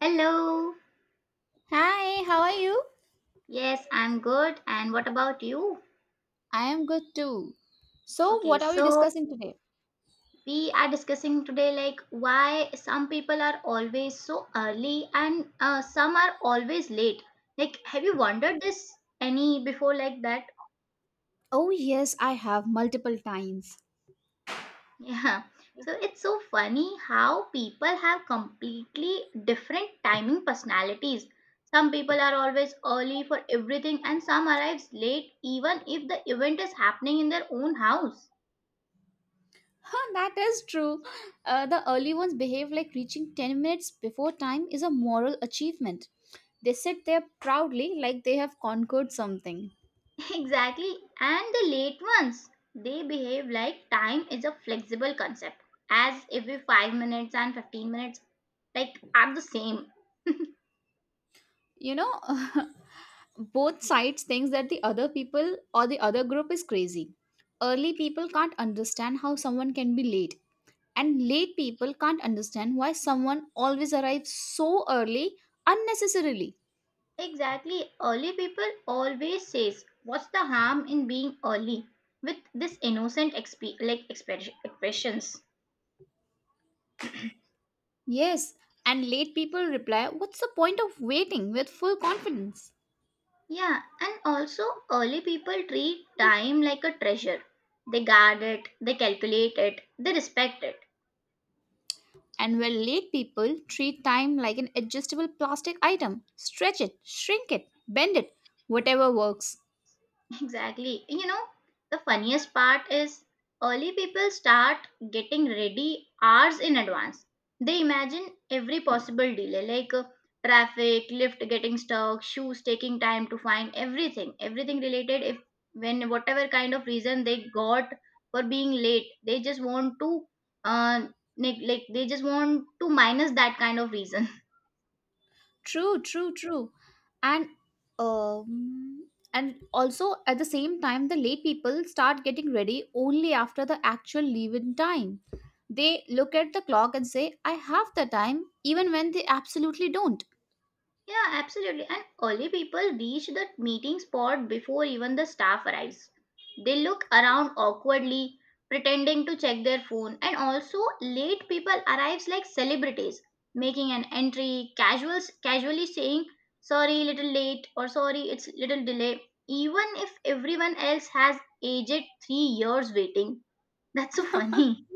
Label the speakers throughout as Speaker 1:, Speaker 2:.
Speaker 1: Hello.
Speaker 2: Hi, how are you?
Speaker 1: Yes, I'm good. And what about you?
Speaker 2: I am good too. So,
Speaker 1: Okay,
Speaker 2: what are we
Speaker 1: so
Speaker 2: discussing today?
Speaker 1: we are discussing today, like, why some people are always so early and some are always late. Like, have you wondered this any before like that?
Speaker 2: Oh, yes, I have multiple times.
Speaker 1: Yeah. So it's so funny how people have completely different timing personalities. Some people are always early for everything and some arrives late even if the event is happening in their own house.
Speaker 2: Huh, that is true. The early ones behave like reaching 10 minutes before time is a moral achievement. They sit there proudly like they have conquered something.
Speaker 1: Exactly. And the late ones, they behave like time is a flexible concept, as every 5 minutes and 15 minutes like are the same.
Speaker 2: You know, both sides thinks that the other people or the other group is crazy. Early people can't understand how someone can be late, and late people can't understand why someone always arrives so early unnecessarily.
Speaker 1: Exactly. Early people always says, "What's the harm in being early?" with this innocent expressions.
Speaker 2: Yes, and late people reply, "What's the point of waiting?" with full confidence.
Speaker 1: Yeah, and also early people treat time like a treasure. They guard it, they calculate it, they respect it.
Speaker 2: And where late people treat time like an adjustable plastic item, stretch it, shrink it, bend it, whatever works.
Speaker 1: Exactly. You know, the funniest part is early people start getting ready hours in advance. They imagine every possible delay like traffic, lift getting stuck, shoes taking time to find everything, everything related if when whatever kind of reason they got for being late, they just want to uh like they just want to minus that kind of reason.
Speaker 2: True, true, true. And um and also at the same time the late people start getting ready only after the actual leave-in time. They look at the clock and say, "I have the time," even when they absolutely don't.
Speaker 1: Yeah, absolutely. And early people reach the meeting spot before even the staff arrives. They look around awkwardly, pretending to check their phone, and also late people arrives like celebrities, making an entry, casual, casually saying sorry, little late, or sorry, it's little delay, even if everyone else has aged 3 years waiting. That's so funny.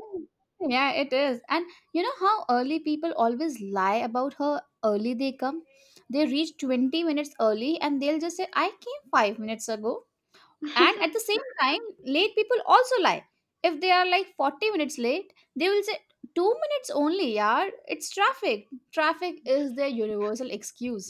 Speaker 2: Yeah, it is. And you know how early people always lie about how early they come? They reach 20 minutes early and they'll just say, "I came 5 minutes ago." And at the same time late people also lie. If they are like 40 minutes late they will say, "2 minutes only, yaar, it's traffic." Traffic is their universal excuse.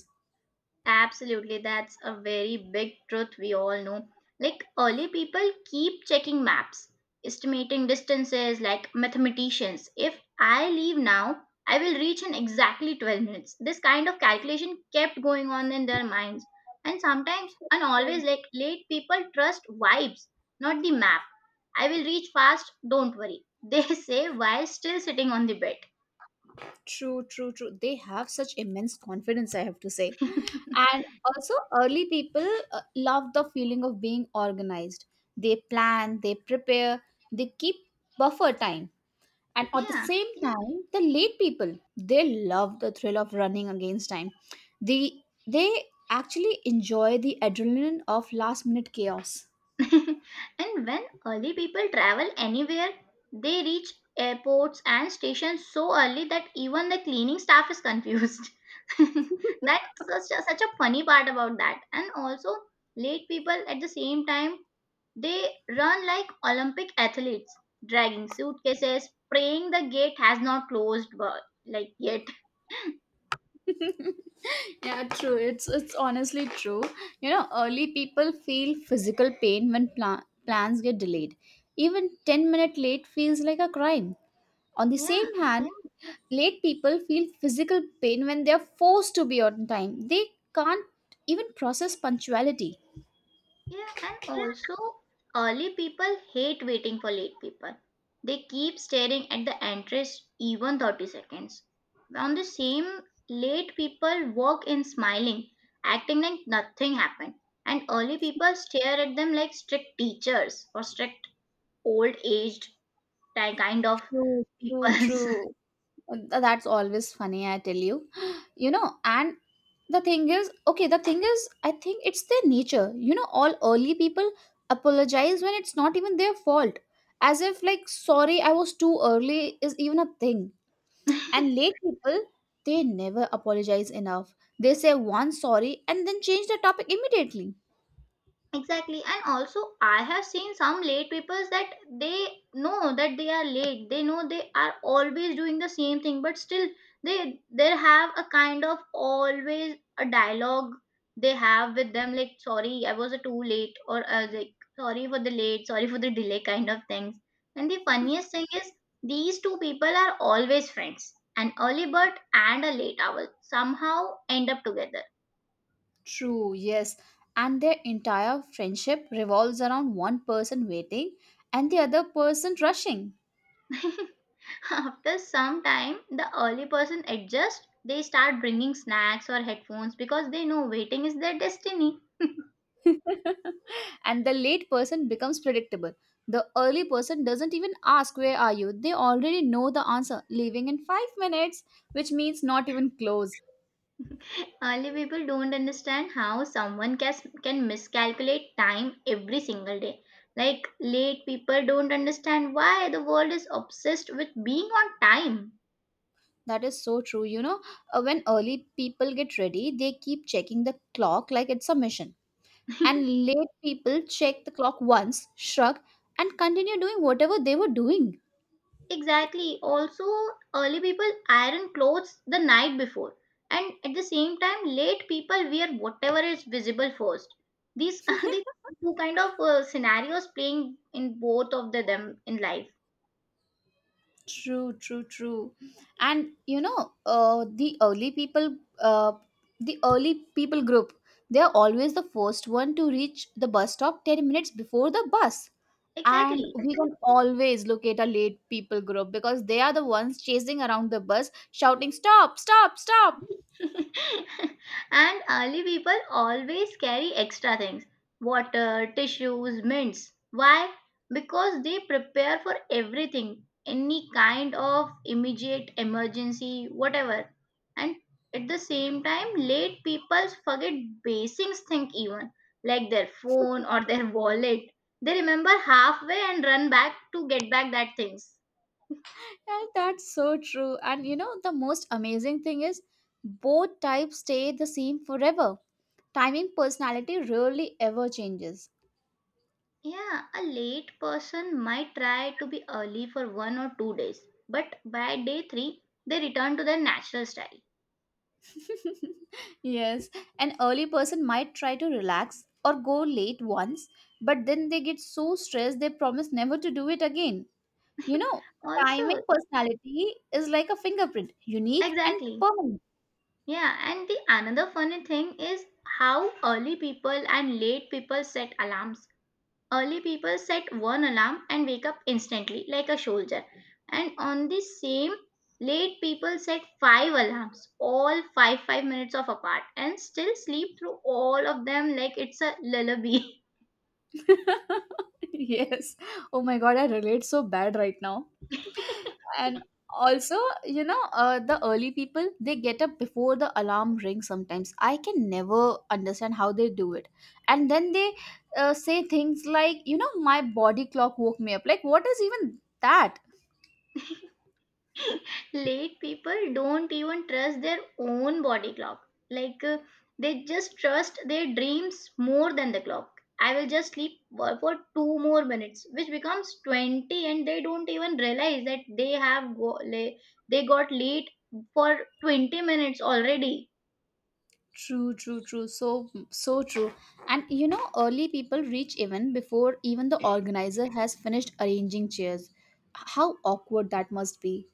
Speaker 1: Absolutely, that's a very big truth we all know. Like early people keep checking maps, estimating distances like mathematicians. If I leave now, I will reach in exactly 12 minutes. This kind of calculation kept going on in their minds. And sometimes, and always, like late people trust vibes, not the map. I will reach fast, don't worry. They say while still sitting on the bed.
Speaker 2: True, true, true, they have such immense confidence, I have to say. And also early people, uh, love the feeling of being organized. They plan, they prepare, they keep buffer time. And at the
Speaker 1: Yeah.
Speaker 2: same time, the late people, they love the thrill of running against time. They they actually enjoy the adrenaline of last minute chaos.
Speaker 1: And when early people travel anywhere, they reach airports and stations so early that even the cleaning staff is confused. That's such a, such a funny part about that. And also, late people at the same time, they run like Olympic athletes, dragging suitcases, praying the gate has not closed but like yet.
Speaker 2: Yeah, true. It's honestly true. You know, early people feel physical pain when plans get delayed. Even 10-minute late feels like a crime. On the
Speaker 1: Yeah.
Speaker 2: same hand, late people feel physical pain when they are forced to be on time. They can't even process punctuality.
Speaker 1: Yeah, and also early people hate waiting for late people. They keep staring at the entrance even 30 seconds. On the same, late people walk in smiling, acting like nothing happened. And early people stare at them like strict teachers or strict old aged kind of
Speaker 2: True, true,
Speaker 1: people.
Speaker 2: true. That's always funny, I tell you. You know, and the thing is, okay, the thing is, I think it's their nature. You know, all early people apologize when it's not even their fault. As if, like, "Sorry, I was too early" is even a thing. And late people, they never apologize enough. They say one sorry and then change the topic immediately.
Speaker 1: Exactly, and also I have seen some late people that they know that they are late, they know they are always doing the same thing, but still they have a kind of always a dialogue they have with them, like, sorry I was too late, or like, sorry for the late, sorry for the delay kind of things. And the funniest thing is these two people are always friends. An early bird and a late owl somehow end up together.
Speaker 2: True, yes. And their entire friendship revolves around one person waiting and the other person rushing.
Speaker 1: After some time, the early person adjusts. They start bringing snacks or headphones because they know waiting is their destiny.
Speaker 2: And the late person becomes predictable. The early person doesn't even ask, "Where are you?" They already know the answer, leaving in 5 minutes, which means not even close.
Speaker 1: Early people don't understand how someone can miscalculate time every single day. Like late people don't understand why the world is obsessed with being on time.
Speaker 2: That is so true. When early people get ready, they keep checking the clock like it's a mission. And late people check the clock once, shrug, and continue doing whatever they were doing.
Speaker 1: Exactly. Also, early people iron clothes the night before, and at the same time, late people wear whatever is visible first. These are the two kind of scenarios playing in both of the, them in life.
Speaker 2: True, true, true. And you know, the early people, the early people group, they are always the first one to reach the bus stop 10 minutes before the bus. And
Speaker 1: Exactly.
Speaker 2: we can always look at a late people group because they are the ones chasing around the bus, shouting, "Stop, stop, stop."
Speaker 1: And early people always carry extra things, water, tissues, mints. Why? Because they prepare for everything, any kind of immediate emergency, whatever. And at the same time, late people forget basics, think even like their phone or their wallet. They remember halfway and run back to get back that things.
Speaker 2: And that's so true. And you know, the most amazing thing is both types stay the same forever. Timing personality rarely ever changes.
Speaker 1: Yeah, a late person might try to be early for 1 or 2 days, but by day three, they return to their natural style.
Speaker 2: Yes, an early person might try to relax or go late once, but then they get so stressed they promise never to do it again. You know,
Speaker 1: Also,
Speaker 2: timing personality is like a fingerprint, unique and
Speaker 1: exactly.
Speaker 2: permanent.
Speaker 1: Yeah, and the another funny thing is how early people and late people set alarms. Early people set one alarm and wake up instantly, like a soldier. And on the same, late people set five alarms, all 5 5 minutes of apart, and still sleep through all of them like it's a lullaby.
Speaker 2: Yes. Oh my god, I relate so bad right now. And also, you know, the early people, they get up before the alarm rings sometimes. I can never understand how they do it. And then they say things like, "You know, my body clock woke me up." Like what is even that?
Speaker 1: Late people don't even trust their own body clock. Like they just trust their dreams more than the clock. I will just sleep for two more minutes, which becomes 20, and they don't even realize that they have they got late for 20 minutes already.
Speaker 2: True, true, true. So, so true. And you know, early people reach even before even the organizer has finished arranging chairs. How awkward that must be.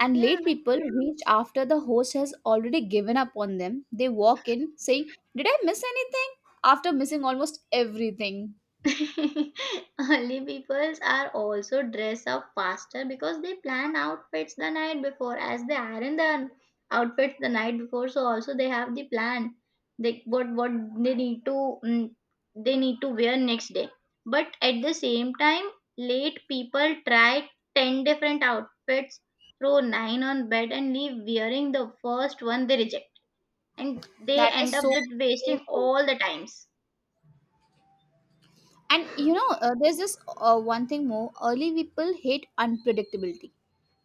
Speaker 2: And
Speaker 1: Yeah.
Speaker 2: late people reach after the host has already given up on them. They walk in saying, "Did I miss anything?" After missing almost everything.
Speaker 1: Early peoples are also dress up faster because they plan outfits the night before, as they iron the outfits the night before. So also they have the plan. They what they need to they need to wear next day. But at the same time, late people try ten different outfits, throw nine on bed, and leave wearing the first one they reject, and they
Speaker 2: That
Speaker 1: end
Speaker 2: is
Speaker 1: up
Speaker 2: so,
Speaker 1: with wasting
Speaker 2: so true.
Speaker 1: all the times.
Speaker 2: And you know, there's this one thing more. Early people hate unpredictability.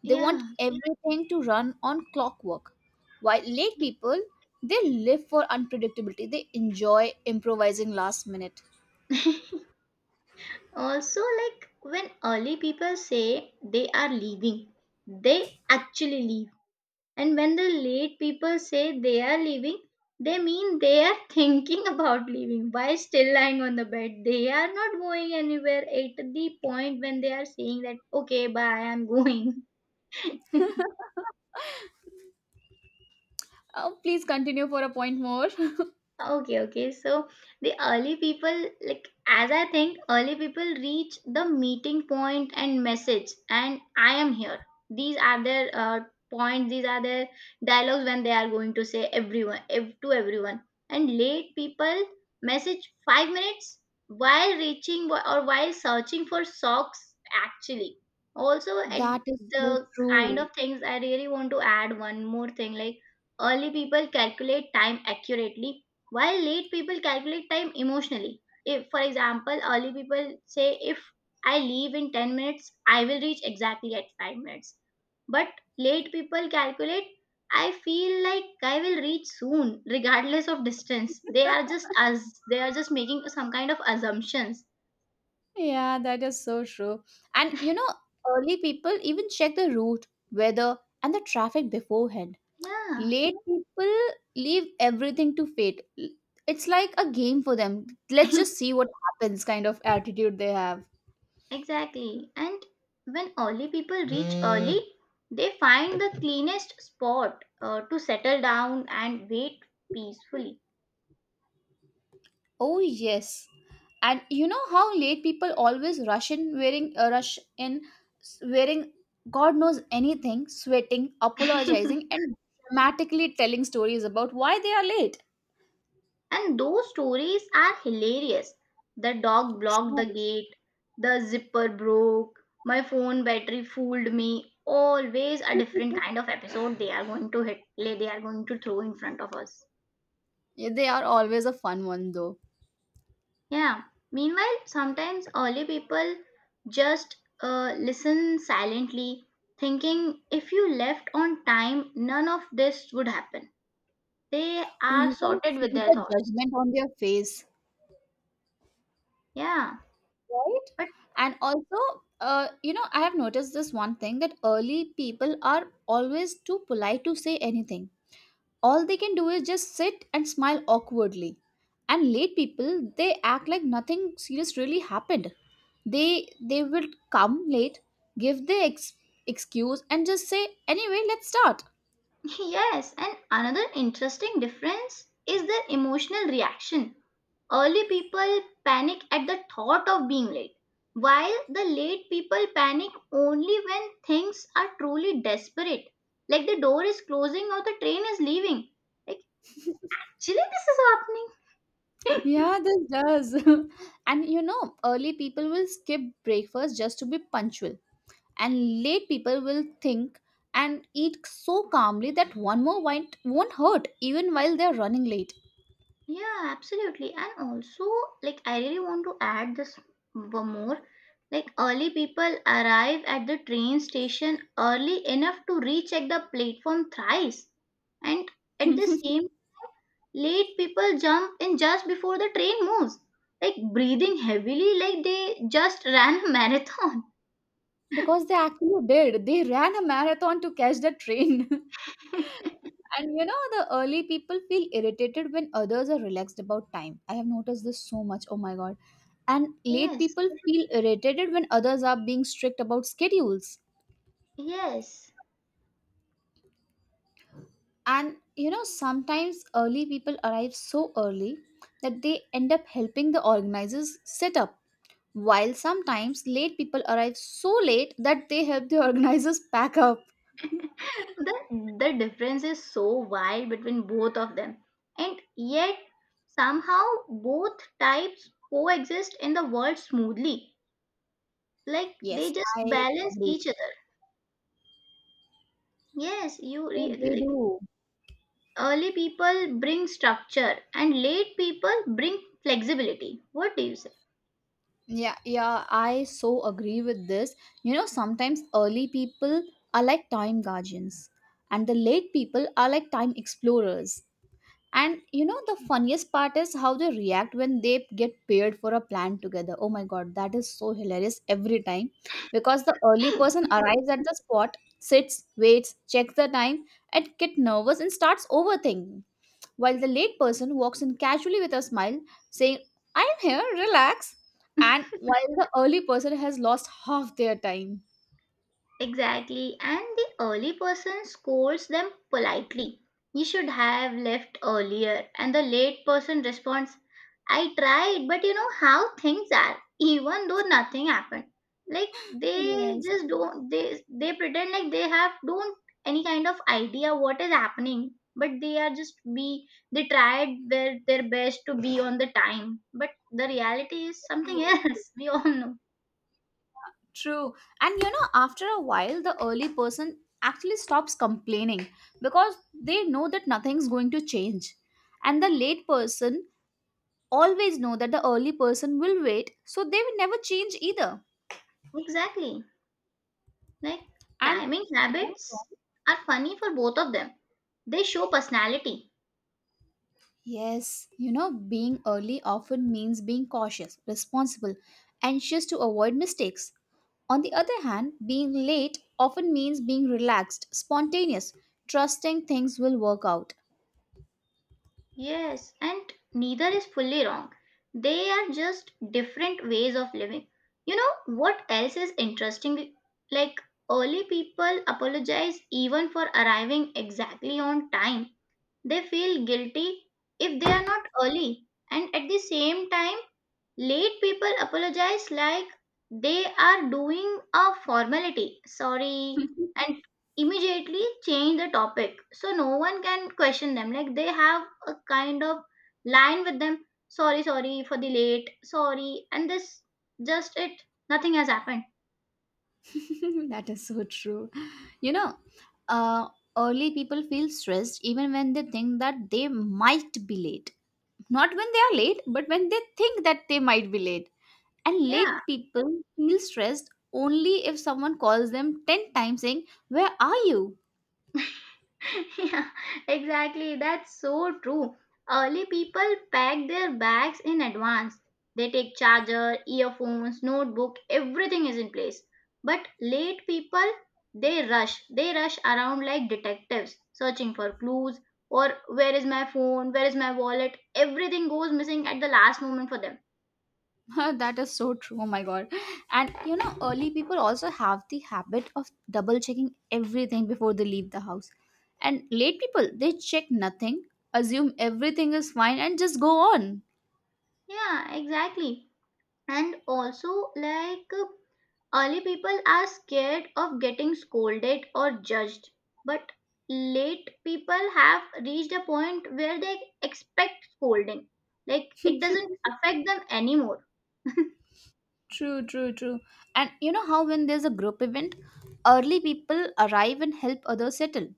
Speaker 2: They want
Speaker 1: Yeah.
Speaker 2: everything to run on clockwork. While late people, they live for unpredictability. They enjoy improvising last minute.
Speaker 1: Also, like, when early people say they are leaving, they actually leave. And when the late people say they are leaving, they mean they are thinking about leaving while still lying on the bed. They are not going anywhere at the point when they are saying that, okay, bye, I'm going.
Speaker 2: Oh, please continue for a point more.
Speaker 1: Okay, okay. So the early people, like as I think, early people reach the meeting point and message, and I am here. These are their points. These are their dialogues when they are going to say everyone to everyone. And late people message 5 minutes while reaching or while searching for socks. Actually, also at
Speaker 2: That is so
Speaker 1: the kind
Speaker 2: true.
Speaker 1: of things I really want to add one more thing, like, early people calculate time accurately while late people calculate time emotionally. If, for example, early people say, if I leave in 10 minutes, I will reach exactly at 5 minutes. But late people calculate, I feel like I will reach soon, regardless of distance. They are just as they are just making some kind of assumptions.
Speaker 2: Yeah, that is so true. And you know, early people even check the route, weather, and the traffic beforehand.
Speaker 1: Yeah,
Speaker 2: Late people leave everything to fate. It's like a game for them. "Let's just see what happens" kind of attitude they have.
Speaker 1: exactly. And when early people reach Hmm. early, they find the cleanest spot to settle down and wait peacefully.
Speaker 2: Oh yes. And you know how late people always rush in wearing, wearing god knows anything, sweating, apologizing, and dramatically telling stories about why they are late.
Speaker 1: And those stories are hilarious. The dog blocked
Speaker 2: True.
Speaker 1: the gate, the zipper broke, my phone battery fooled me. Always a different kind of episode they are going to hit, like, they are going to throw in front of us.
Speaker 2: Yeah, they are always a fun one though.
Speaker 1: Yeah. Meanwhile, sometimes early people just listen silently, thinking if you left on time, none of this would happen. They
Speaker 2: Oh,
Speaker 1: are
Speaker 2: you can
Speaker 1: sorted
Speaker 2: see
Speaker 1: with their
Speaker 2: the
Speaker 1: thoughts.
Speaker 2: judgment on their face,
Speaker 1: Yeah.
Speaker 2: right?
Speaker 1: But.
Speaker 2: And also, you know, I have noticed this one thing that early people are always too polite to say anything. All they can do is just sit and smile awkwardly. And late people, they act like nothing serious really happened. They will come late, give the excuse, and just say, "Anyway, let's start."
Speaker 1: Yes, and another interesting difference is the emotional reaction. Early people panic at the thought of being late, while the late people panic only when things are truly desperate, like the door is closing or the train is leaving. Like, actually, this is happening.
Speaker 2: Yeah, this does. And you know, early people will skip breakfast just to be punctual, and late people will think and eat so calmly that one more bite won't hurt even while they're running late.
Speaker 1: Yeah, absolutely. And also, like, I really want to add this one more. Like, early people arrive at the train station early enough to recheck the platform thrice. And at the
Speaker 2: Because
Speaker 1: same, late people jump in just before the train moves. Like, breathing heavily, like they just ran a marathon.
Speaker 2: they actually did, they ran a marathon to catch the train. And you know the early people feel irritated when others are relaxed about time. I have noticed this so much, oh my god. And late
Speaker 1: Yes,
Speaker 2: people feel irritated when others are being strict about schedules.
Speaker 1: yes.
Speaker 2: And you know sometimes early people arrive so early that they end up helping the organizers set up. While sometimes late people arrive so late that they help the organizers pack up.
Speaker 1: the the difference is so wide between both of them, and yet somehow both types coexist in the world smoothly, like they
Speaker 2: Yes,
Speaker 1: just
Speaker 2: I
Speaker 1: balance
Speaker 2: agree.
Speaker 1: each other. Yes, you
Speaker 2: They
Speaker 1: like
Speaker 2: do.
Speaker 1: early people bring structure and late people bring flexibility. What do you say?
Speaker 2: Yeah, yeah, I so agree with this. You know, sometimes early people are like time guardians, and the late people are like time explorers. And you know, the funniest part is how they react when they get paired for a plan together. Oh my god, that is so hilarious every time. Because the early person arrives at the spot, sits, waits, checks the time, and get nervous and starts overthinking. While the late person walks in casually with a smile, saying, "I'm here, relax." And while the early person has lost half their time.
Speaker 1: Exactly, and the early person scolds them politely. You should have left earlier, and the late person responds, I tried, but you know how things are, even though nothing happened. Like, they
Speaker 2: Yes.
Speaker 1: just don't they they pretend like they have don't any kind of idea what is happening, but they are just be they tried their best to be on the time, but the reality is something
Speaker 2: True.
Speaker 1: else. We all know.
Speaker 2: True. And you know, after a while, the early person actually stops complaining because they know that nothing's going to change. And the late person always know that the early person will wait, so they will never change either.
Speaker 1: Exactly. Like,
Speaker 2: And
Speaker 1: timing
Speaker 2: yeah,
Speaker 1: habits are funny for both of them. They show personality.
Speaker 2: yes, you know, being early often means being cautious, responsible, anxious to avoid mistakes. On the other hand, being late often means being relaxed, spontaneous, trusting things will work out.
Speaker 1: Yes, and neither is fully wrong. They are just different ways of living. You know what else is interesting? Like early people apologize even for arriving exactly on time. They feel guilty if they are not early. And at the same time, late people apologize like they are doing a formality, sorry, and immediately change the topic. So no one can question them. Like they have a kind of line with them, sorry, sorry for the late, sorry, and this just it, nothing has happened.
Speaker 2: That is so true. You know, uh, early people feel stressed even when they think that they might be late. Not when they are late, but when they think that they might be late. And
Speaker 1: Yeah.
Speaker 2: late people feel stressed only if someone calls them 10 times saying, "Where are you?"
Speaker 1: Yeah, exactly. That's so true. Early people pack their bags in advance. They take charger, earphones, notebook, everything is in place. But late people, they rush. They rush around like detectives, searching for clues or where is my phone, where is my wallet. Everything goes missing at the last moment for them.
Speaker 2: That is so true. Oh my god. And you know, early people also have the habit of double checking everything before they leave the house. And late people, they check nothing, assume everything is fine, and just go on.
Speaker 1: Yeah, exactly. And also, like, early people are scared of getting scolded or judged, but late people have reached a point where they expect scolding. Like it doesn't affect them anymore.
Speaker 2: True, true, true. And you know how when there's a group event, early people arrive and help others settle.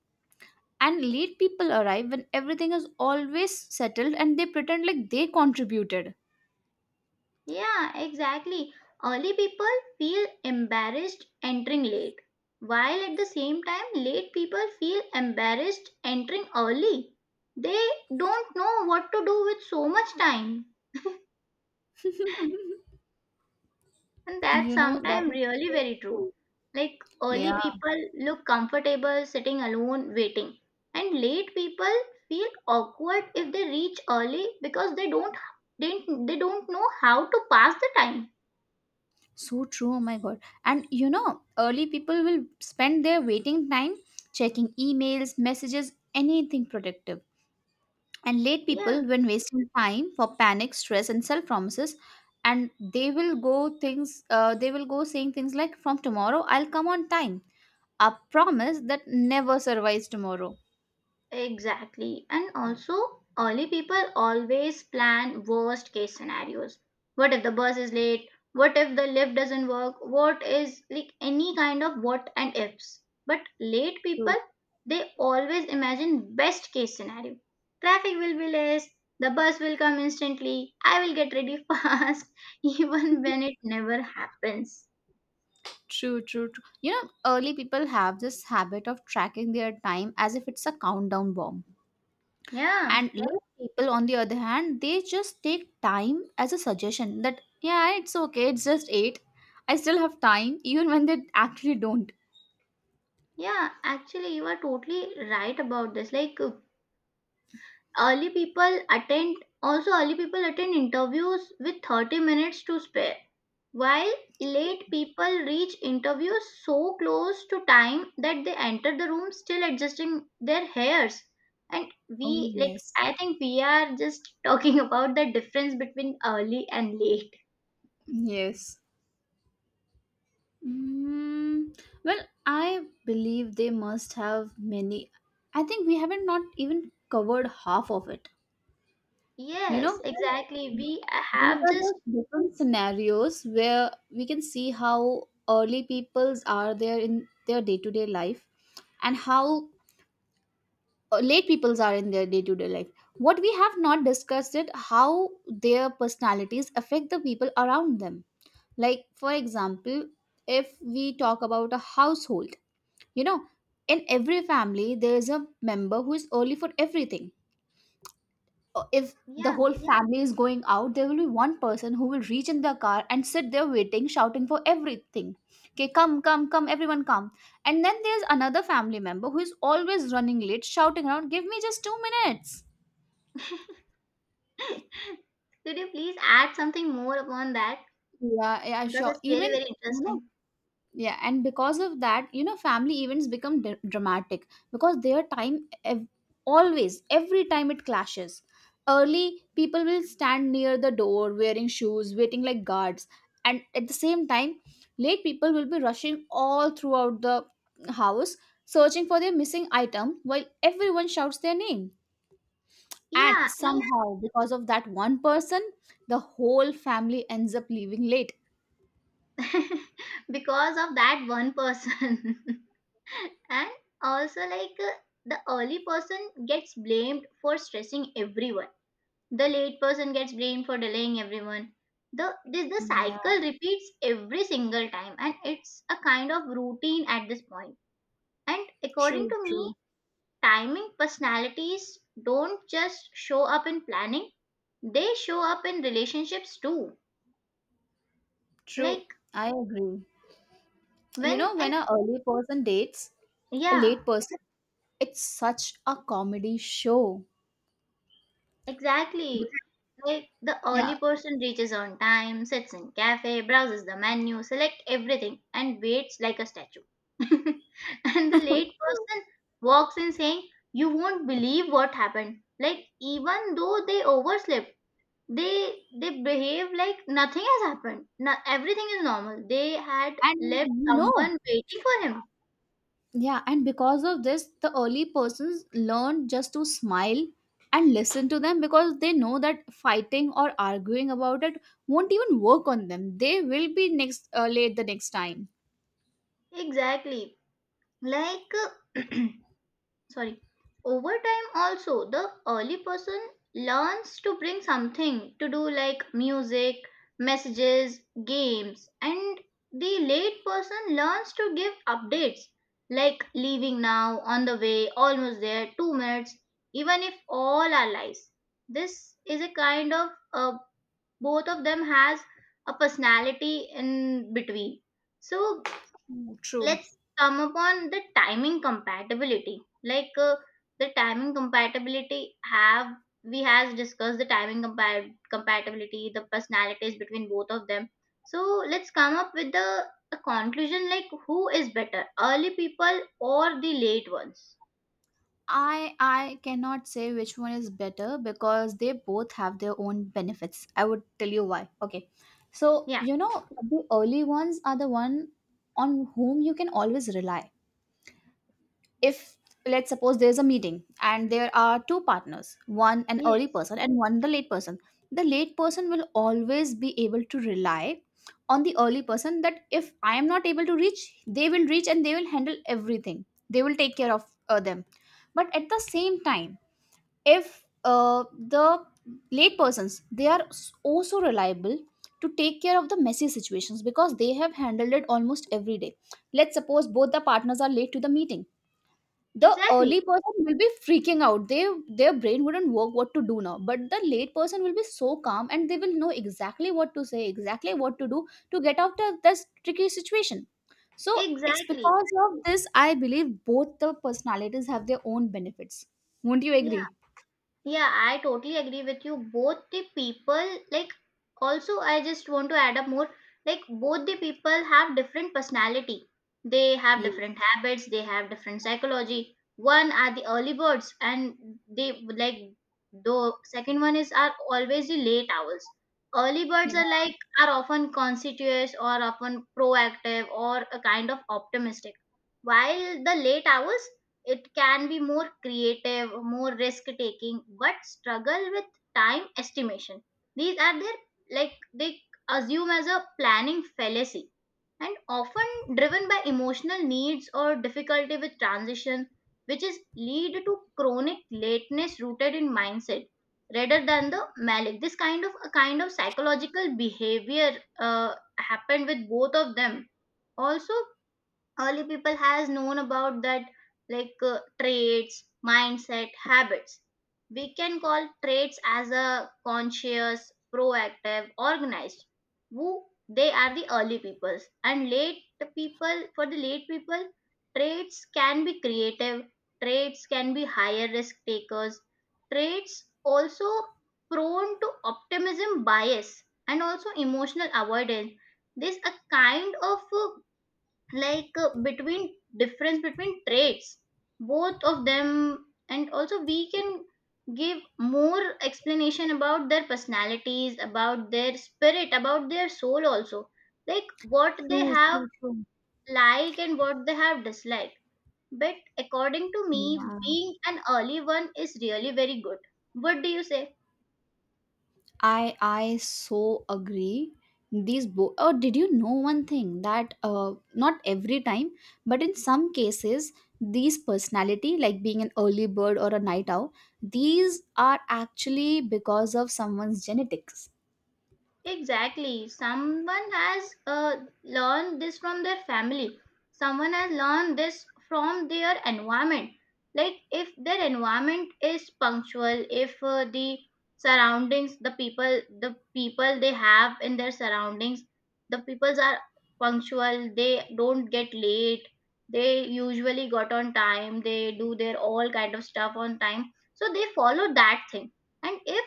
Speaker 2: And late people arrive when everything is always settled and they pretend like they contributed.
Speaker 1: Yeah, exactly. Early people feel embarrassed entering late, while at the same time, late people feel embarrassed entering early. They don't know what to do with so much time. And that's
Speaker 2: You know, that
Speaker 1: sometimes
Speaker 2: is
Speaker 1: really
Speaker 2: so
Speaker 1: very true.
Speaker 2: true.
Speaker 1: Like
Speaker 2: Yeah.
Speaker 1: early people look comfortable sitting alone waiting, and late people feel awkward if they reach early because they don't know how to pass the time.
Speaker 2: So true, oh my god. And you know, early people will spend their waiting time checking emails, messages, anything productive. And late people,
Speaker 1: Yeah.
Speaker 2: when wasting time for panic, stress, and self promises, and they will go things, they will go saying things like, "From tomorrow, I'll come on time." A promise that never survives tomorrow.
Speaker 1: Exactly. And also, early people always plan worst case scenarios. What if the bus is late? What if the lift doesn't work? What is like any kind of what and ifs? But late people,
Speaker 2: True,
Speaker 1: they always imagine best case scenario. Traffic will be less, the bus will come instantly, I will get ready fast, even when it never happens.
Speaker 2: true, true, true. You know, early people have this habit of tracking their time as if it's a countdown bomb.
Speaker 1: Yeah,
Speaker 2: And less people, on the other hand, they just take time as a suggestion that, yeah, it's okay, it's just eight. I still have time, even when they actually don't.
Speaker 1: yeah, actually, you are totally right about this. Like, early people attend also early people attend interviews with 30 minutes to spare while late people reach interviews so close to time that they enter the room still adjusting their hairs. And
Speaker 2: Oh,
Speaker 1: we like
Speaker 2: yes.
Speaker 1: I think we are just talking about the difference between early and late.
Speaker 2: Yes. Mm, well, I believe they must have many. I think we haven't not even covered half of it. You
Speaker 1: Yes,
Speaker 2: know,
Speaker 1: exactly, we
Speaker 2: these
Speaker 1: have
Speaker 2: are
Speaker 1: just,
Speaker 2: the different scenarios where we can see how early peoples are there in their day-to-day life and how late peoples are in their day-to-day life. What we have not discussed it how their personalities affect the people around them. Like, for example, if we talk about a household, you know, in every family there is a member who is early for everything. If the
Speaker 1: yeah.
Speaker 2: whole Yeah. family is going out, there will be one person who will reach in the car and sit there waiting, shouting for everything, "Okay, come, come, come, everyone, come!" And then there's another family member who is always running late, shouting around, "Give me just 2 minutes."
Speaker 1: Could you please add something more upon that,
Speaker 2: Yeah, yeah,
Speaker 1: because
Speaker 2: sure.
Speaker 1: it's really
Speaker 2: Even,
Speaker 1: very
Speaker 2: you know,
Speaker 1: interesting?
Speaker 2: yeah, and because of that, you know, family events become dramatic because always, every time it clashes. Early, people will stand near the door wearing shoes, waiting like guards. And at the same time, late people will be rushing all throughout the house, searching for their missing item while everyone shouts their name. And
Speaker 1: Yeah, and
Speaker 2: somehow, because of that one person, the whole family ends up leaving late.
Speaker 1: because of that one person. And also like the early person gets blamed for stressing everyone, the late person gets blamed for delaying everyone. The this the cycle repeats every single time and it's a kind of routine at this point. And according
Speaker 2: True,
Speaker 1: to me,
Speaker 2: true,
Speaker 1: timing personalities don't just show up in planning, they show up in relationships too.
Speaker 2: true.
Speaker 1: Like
Speaker 2: I agree. You
Speaker 1: when
Speaker 2: know, when
Speaker 1: and
Speaker 2: an early person dates a
Speaker 1: yeah.
Speaker 2: late person, it's such a comedy show.
Speaker 1: Exactly.
Speaker 2: Because-
Speaker 1: Like the
Speaker 2: Yeah.
Speaker 1: early person reaches on time, sits in cafe, browses the menu, select everything, and waits like a statue. And the late
Speaker 2: True.
Speaker 1: person walks in saying, "You won't believe what happened." Like even though they overslept, they behave like nothing has happened. No, everything is normal. They had
Speaker 2: And
Speaker 1: left
Speaker 2: you know,
Speaker 1: someone waiting for him.
Speaker 2: yeah, and because of this, the early persons learn just to smile and listen to them because they know that fighting or arguing about it won't even work on them. They will be next late the next time.
Speaker 1: Exactly. Like sorry, over time also the early person learns to bring something to do like music, messages, games. And the late person learns to give updates like leaving now, on the way, almost there, 2 minutes, even if all are lies. This is a kind of both of them has a personality in between. So
Speaker 2: True, true.
Speaker 1: let's come upon the timing compatibility like the timing compatibility, have we has discussed the timing compa- compatibility, the personalities between both of them. So let's come up with the a conclusion like who is better, early people or the late ones?
Speaker 2: I cannot say which one is better because they both have their own benefits. I would tell you why. Okay. So,
Speaker 1: Yeah.
Speaker 2: you know, the early ones are the one on whom you can always rely. If let's suppose there's a meeting and there are two partners, one an early
Speaker 1: Yes,
Speaker 2: person and one the late person. The late person will always be able to rely on the early person that if I am not able to reach, they will reach and they will handle everything. They will take care of them. But at the same time, if the late persons, they are also reliable to take care of the messy situations because they have handled it almost every day. Let's suppose both the partners are late to the meeting. The
Speaker 1: exactly.
Speaker 2: early person will be freaking out, they, their brain wouldn't work what to do now, but the late person will be so calm and they will know exactly what to say, exactly what to do to get out of this tricky situation. So it's
Speaker 1: Exactly.
Speaker 2: because of this I believe both the personalities have their own benefits. Won't you
Speaker 1: Yeah.
Speaker 2: agree?
Speaker 1: Yeah, I totally agree with you. Both the people, like, also, I just want to add up more. Like, both the people have different personality. They have
Speaker 2: Yeah.
Speaker 1: different habits. They have different psychology. One are the early birds, and they like the second one is are always the late owls. Early birds
Speaker 2: Yeah,
Speaker 1: are like are often conspicuous or often proactive or a kind of optimistic, while the late hours. It can be more creative, more risk taking, but struggle with time estimation. These are their like they assume as a planning fallacy, and often driven by emotional needs or difficulty with transition, which is lead to chronic lateness rooted in mindset rather than the malic. This kind of a kind of psychological behavior happened with both of them. Also, early people has known about that like traits, mindset, habits. We can call traits as a conscious, proactive, organized, who they are the early peoples. And late people for the late people, traits can be creative, traits can be higher risk takers, traits also prone to optimism bias and also emotional avoidance. This a kind of uh, like between difference between traits, both of them. And also we can give more explanation about their personalities, about their spirit, about their soul also, like what they
Speaker 2: true,
Speaker 1: have
Speaker 2: true, true.
Speaker 1: like and what they have dislike. But according to me
Speaker 2: Yeah,
Speaker 1: being an early one is really very good. What do you say?
Speaker 2: I so agree. These oh, did you know one thing that not every time, but in some cases, these personality, like being an early bird or a night owl, these are actually because of someone's genetics.
Speaker 1: Exactly. Someone has learned this from their family. Someone has learned this from their environment. Like if their environment is punctual, if the surroundings, the people, they have in their surroundings, the peoples are punctual. They don't get late. They usually got on time. They do their all kind of stuff on time. So they follow that thing. And if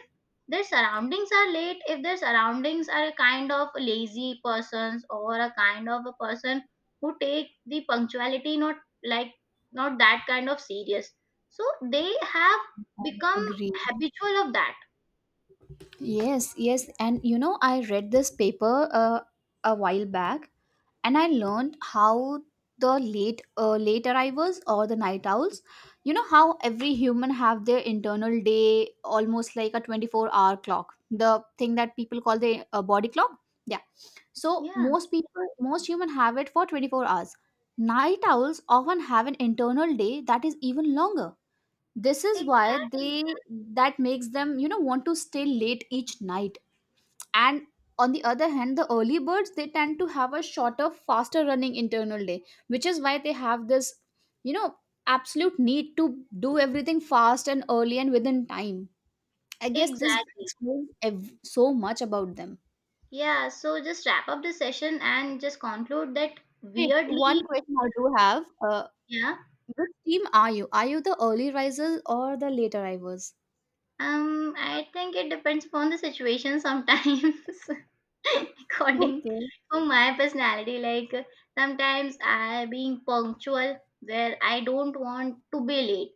Speaker 1: their surroundings are late, if their surroundings are a kind of lazy persons or a kind of a person who take the punctuality not like, not that kind of serious, so they have
Speaker 2: I
Speaker 1: become
Speaker 2: agree.
Speaker 1: habitual of that.
Speaker 2: Yes, yes, and you know, I read this paper a while back and I learned how the late arrivals or the night owls, you know, how every human have their internal day almost like a 24-hour clock, the thing that people call the body clock. Yeah. So
Speaker 1: Yeah,
Speaker 2: most people, most human have it for 24 hours. Night owls often have an internal day that is even longer. This is why
Speaker 1: exactly.
Speaker 2: they that makes them, you know, want to stay late each night. And on the other hand, the early birds, they tend to have a shorter, faster running internal day, which is why they have this, you know, absolute need to do everything fast and early and within time. I guess this
Speaker 1: Exactly.
Speaker 2: explains so much about them.
Speaker 1: Yeah, so just wrap up the session and just conclude that
Speaker 2: Wait,
Speaker 1: weirdly,
Speaker 2: one question I do have.
Speaker 1: yeah.
Speaker 2: Which team are you? Are you the early risers or the late arrivals?
Speaker 1: I think it depends upon the situation sometimes. According
Speaker 2: Okay.
Speaker 1: to my personality, like sometimes I being punctual where I don't want to be late.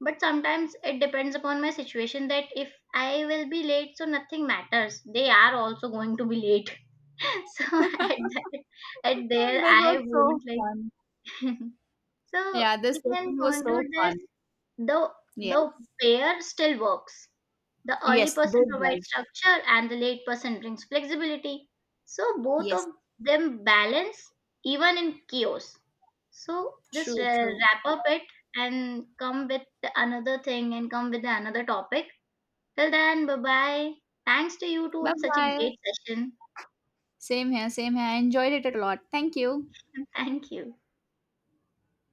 Speaker 1: But sometimes it depends upon my situation that if I will be late, so nothing matters. They are also going to be late. So at that, at there
Speaker 2: This was
Speaker 1: I
Speaker 2: so
Speaker 1: won't
Speaker 2: fun.
Speaker 1: like. So
Speaker 2: Yeah, this
Speaker 1: we can
Speaker 2: session was
Speaker 1: conclude
Speaker 2: so
Speaker 1: this,
Speaker 2: fun.
Speaker 1: the the
Speaker 2: Yes.
Speaker 1: pair still works. The early
Speaker 2: Yes, it
Speaker 1: person provides
Speaker 2: does.
Speaker 1: structure and the late person brings flexibility. So both of
Speaker 2: Yes.
Speaker 1: them balance even in chaos. So just
Speaker 2: True, true.
Speaker 1: wrap up it and come with another topic. Till then, bye bye. Thanks to you too.
Speaker 2: Bye
Speaker 1: It's such a
Speaker 2: bye.
Speaker 1: great session.
Speaker 2: Same here, same here. I enjoyed it a lot. Thank you.
Speaker 1: Thank you.